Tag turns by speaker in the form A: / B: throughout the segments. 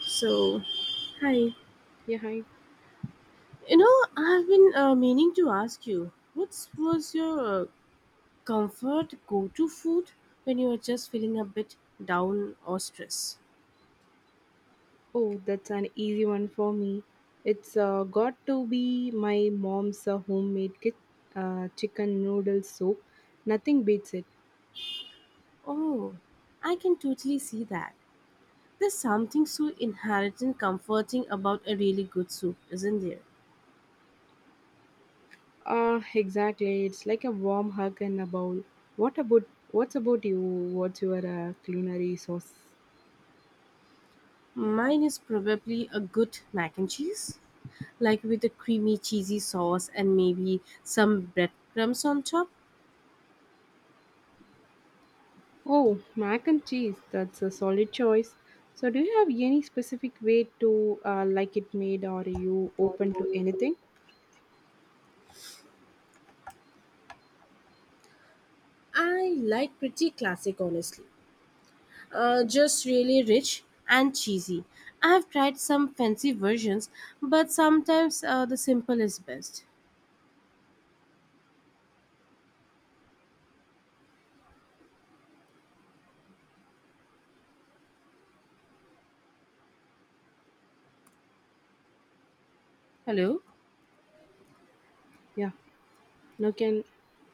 A: So, hi.
B: Yeah, hi.
A: I've been meaning to ask you, what was your comfort go-to food when you were just feeling a bit down or stressed?
B: Oh, that's an easy one for me. It's got to be my mom's homemade kit, chicken noodle soup. Nothing beats it.
A: Oh, I can totally see that. There's something so inherent and comforting about a really good soup, isn't there?
B: Ah, exactly. It's like a warm hug in a bowl. What about what's about you? What's your culinary sauce?
A: Mine is probably a good mac and cheese, like with a creamy, cheesy sauce and maybe some breadcrumbs on top.
B: Oh, mac and cheese. That's a solid choice. So, do you have any specific way to like it made, or are you open to anything?
A: I like pretty classic, honestly. Just really rich and cheesy. I have tried some fancy versions, but sometimes the simple is best. Hello?
B: Yeah, now can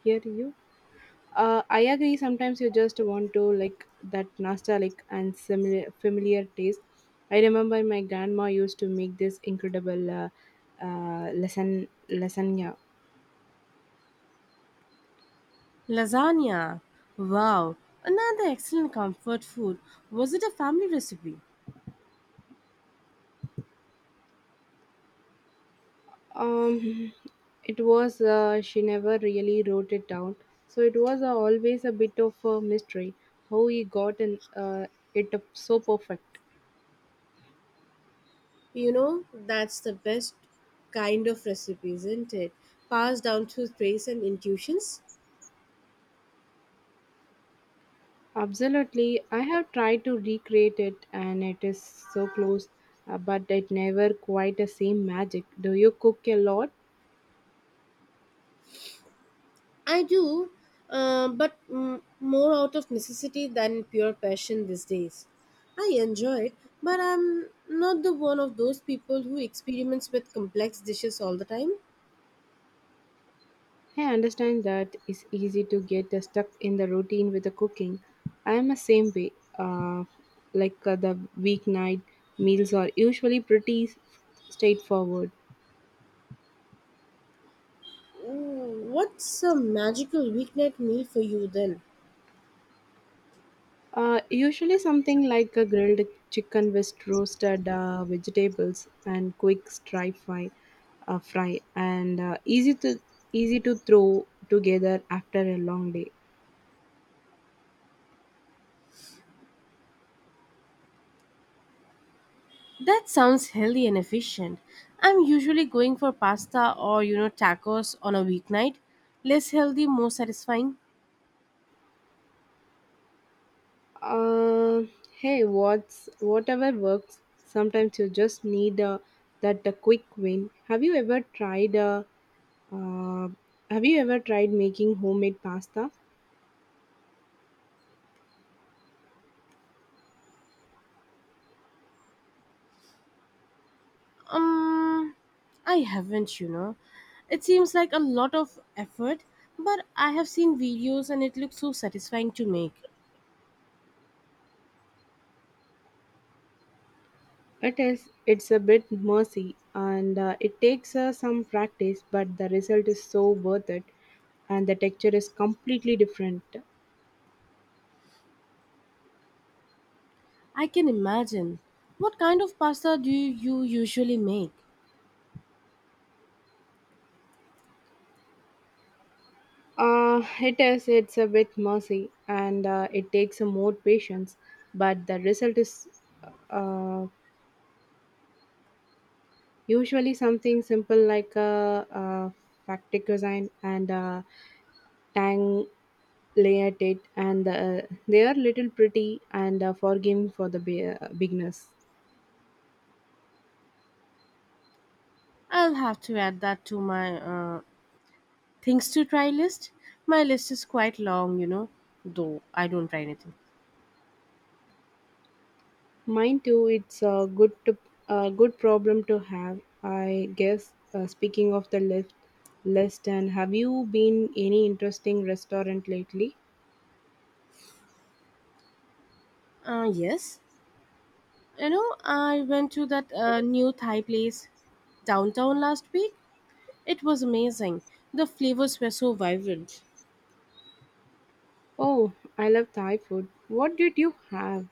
B: hear you. I agree. Sometimes you just want to like that nostalgic and similar familiar taste. I remember my grandma used to make this incredible lesson lasagna.
A: Lasagna. Wow, another excellent comfort food. Was it a family recipe?
B: Um, it was she never really wrote it down, so it was always a bit of a mystery how he got in, it up so perfect.
A: That's the best kind of recipe, isn't it? Passed down through trace and intuitions.
B: Absolutely. I have tried to recreate it and it is so close, but it never quite the same magic. Do you cook a lot?
A: I do, but more out of necessity than pure passion these days. I enjoy it, but I'm not the one of those people who experiments with complex dishes all the time.
B: I understand that it's easy to get stuck in the routine with the cooking. I am the same way. Uh, the weeknight meals are usually pretty straightforward.
A: What's a magical weeknight meal for you then?
B: Usually something like a grilled chicken with roasted vegetables and quick stir fry, fry and easy to throw together after a long day.
A: That sounds healthy and efficient. I'm usually going for pasta or tacos on a weeknight. Less healthy, more satisfying.
B: Uh, Hey, what's whatever works. Sometimes you just need that quick win. Uh, have you ever tried making homemade pasta?
A: Um, I haven't, It seems like a lot of effort, but I have seen videos and it looks so satisfying to make.
B: It is. It's a bit messy, and it takes some practice, but the result is so worth it, and the texture is completely different.
A: I can imagine. What kind of pasta do you usually make?
B: It is. It's a bit messy, and it takes more patience, but the result is uh, usually something simple like factic design and tang layered it, and they are little pretty and forgiving for the beginners.
A: I'll have to add that to my things to try list. My list is quite long, though I don't try anything.
B: Mine too. It's a good problem to have, I guess. Speaking of the lift list, and have you been any interesting restaurant lately?
A: Yes. I went to that new Thai place downtown last week. It was amazing. The flavors were so vibrant.
B: Oh, I love Thai food. What did you have?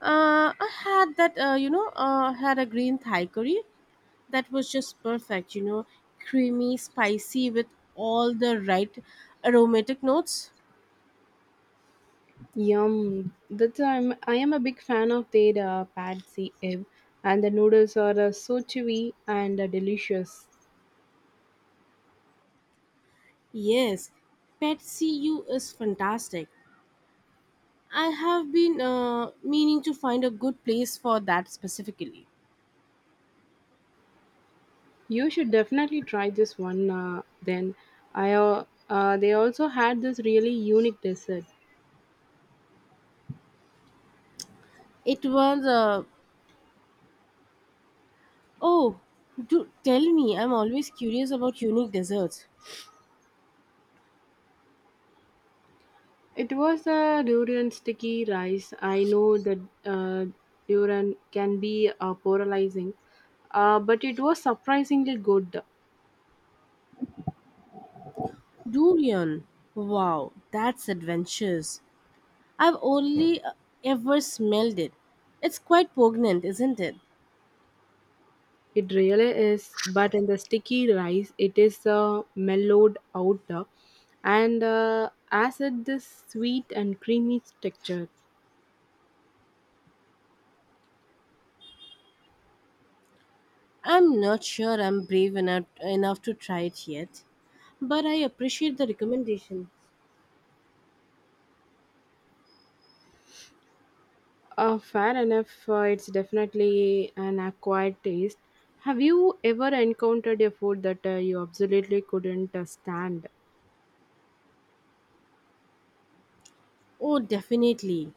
A: I had that, had a green Thai curry that was just perfect, creamy, spicy with all the right aromatic notes.
B: Yum. That's I'm I am a big fan of their pad see ev, and the noodles are so chewy and delicious.
A: Yes, Pet CU is fantastic. I have been meaning to find a good place for that specifically.
B: You should definitely try this one. Then I They also had this really unique dessert.
A: It was, oh, do tell me, I'm always curious about unique desserts.
B: It was a durian sticky rice. I know that durian can be polarizing, but it was surprisingly good.
A: Durian. Wow, that's adventurous. I've only ever smelled it. It's quite poignant, isn't it?
B: It really is. But in the sticky rice, it is mellowed out and as it this sweet and creamy texture.
A: I'm not sure I'm enough to try it yet, but I appreciate the recommendation.
B: Fair enough, it's definitely an acquired taste. Have you ever encountered a food that you absolutely couldn't stand?
A: Oh, definitely.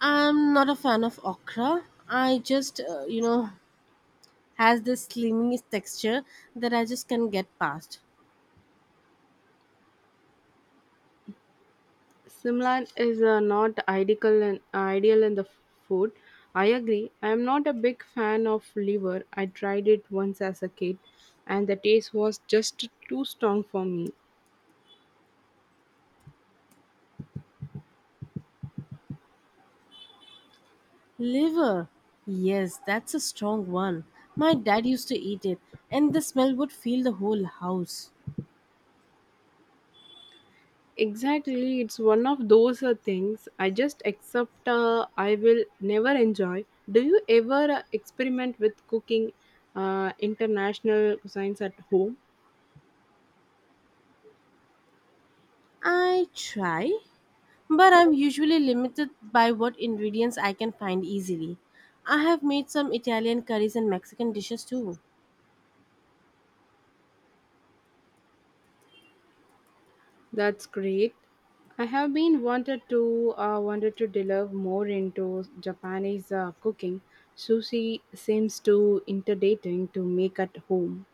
A: I'm not a fan of okra. I just, has this slimy texture that I just can't get past.
B: Simlan is not ideal and ideal in the food. I agree. I am not a big fan of liver. I tried it once as a kid, and the taste was just too strong for me.
A: Liver. Yes, that's a strong one. My dad used to eat it, and the smell would fill the whole house.
B: Exactly, it's one of those things I just accept. I will never enjoy. Do you ever experiment with cooking international cuisines at home?
A: I try, but I'm usually limited by what ingredients I can find easily. I have made some Italian curries and Mexican dishes too.
B: That's great. I have been wanted to delve more into Japanese cooking. Sushi seems too intimidating to make at home.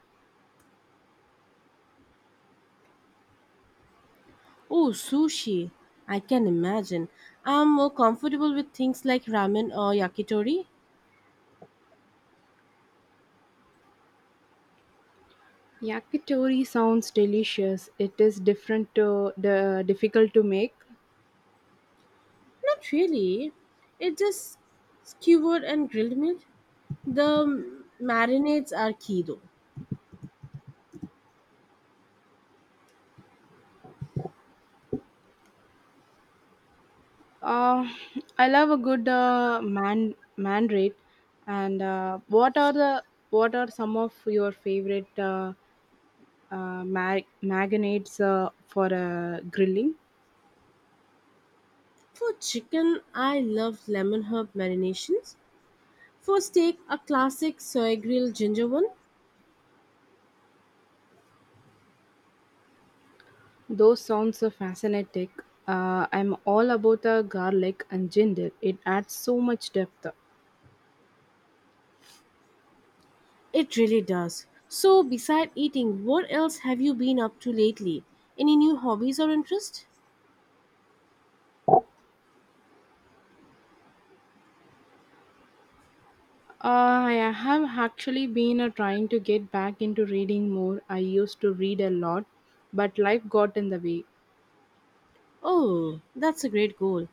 A: Oh, sushi! I can imagine. I'm more comfortable with things like ramen or yakitori.
B: Yakitori sounds delicious. It is different to the difficult to make.
A: Not really. It's just skewered and grilled meat. The marinades are key though.
B: Uh, I love a good mandrake. And what are the What are some of your favorite magnets for grilling?
A: For chicken, I love lemon herb marinations. For steak, a classic soy grilled ginger one.
B: Those sounds are fascinating. I'm all about the garlic and ginger. It adds so much depth.
A: It really does. So, beside eating, what else have you been up to lately? Any new hobbies or interests?
B: I have actually been trying to get back into reading more. I used to read a lot, but life got in the way.
A: Oh, that's a great goal.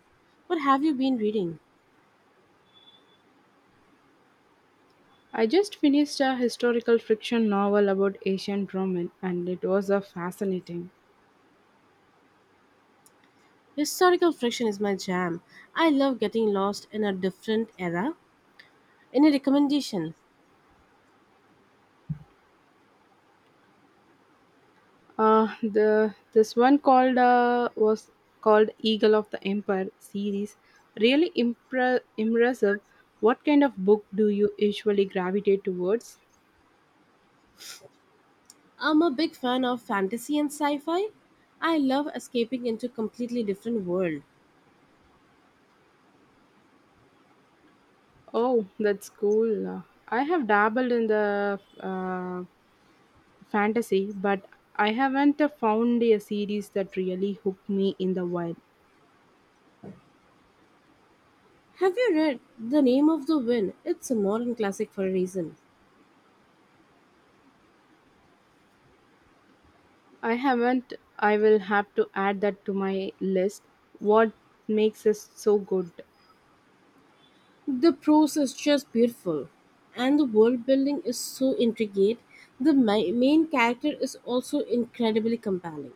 A: What have you been reading?
B: I just finished a historical fiction novel about ancient Roman, and it was fascinating.
A: Historical fiction is my jam. I love getting lost in a different era. Any recommendation?
B: The this one called was Called Eagle of the Empire series. Really impressive. What kind of book do you usually gravitate towards?
A: I'm a big fan of fantasy and sci-fi. I love escaping into a completely different world.
B: Oh, that's cool. I have dabbled in the fantasy, but I haven't found a series that really hooked me in the wild.
A: Have you read The Name of the Wind? It's a modern classic for a reason.
B: I haven't. I will have to add that to my list. What makes us so good?
A: The prose is just beautiful, and the world building is so intricate. Main character is also incredibly compelling.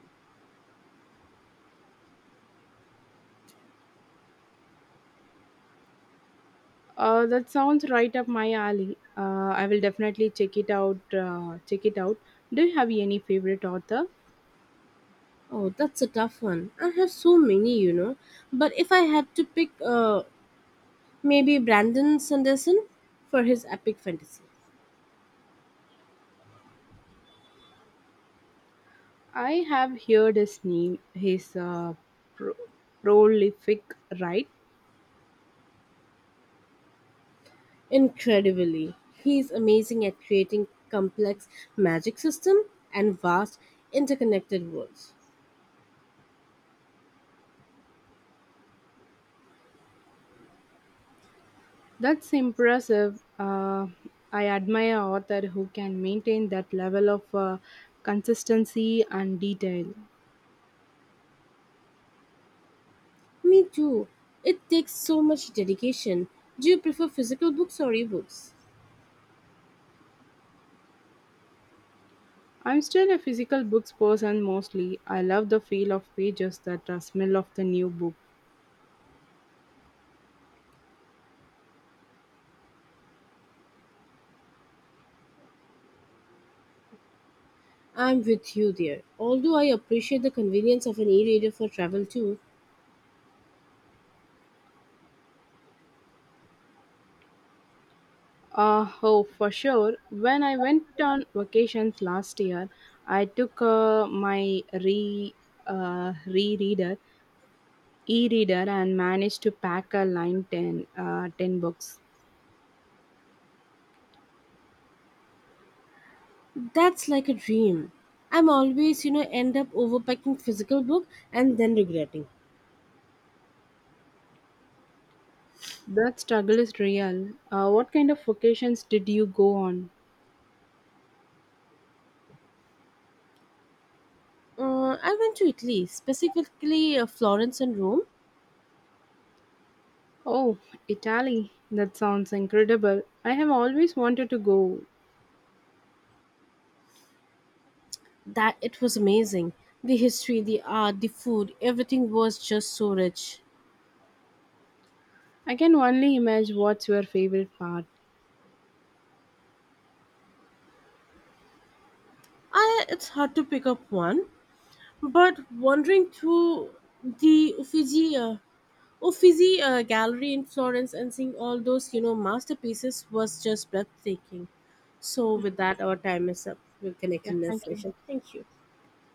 B: That sounds right up my alley. I will definitely check it out. Do you have any favorite author?
A: Oh, that's a tough one. I have so many. But if I had to pick, maybe Brandon Sanderson for his epic fantasy.
B: I have heard his name. His pro- prolific right.
A: Incredibly, he's amazing at creating complex magic system and vast interconnected worlds.
B: That's impressive. I admire author who can maintain that level of consistency and detail.
A: Me too. It takes so much dedication. Do you prefer physical books or ebooks?
B: I'm still a physical books person mostly. I love the feel of pages, that smell of the new book.
A: I'm with you there. Although I appreciate the convenience of an e-reader for travel too,
B: Oh, for sure. When I went on vacations last year, I took my re re reader, e-reader, and managed to pack 10 books.
A: that's like a dream. I'm always end up overpacking physical book and then regretting.
B: That struggle is real. What kind of vacations did you go on?
A: I went to Italy, specifically Florence and Rome.
B: Oh, Italy. That sounds incredible. I have always wanted to go.
A: That it was amazing. The history, the art, the food, everything was just so rich.
B: I can only imagine what's your favorite part.
A: I it's hard to pick up one, but wandering through the Uffizi Gallery in Florence and seeing all those masterpieces was just breathtaking. So with that, our time is up. We'll connect
B: Yeah,
A: in next
B: thank you.
A: session. Thank you.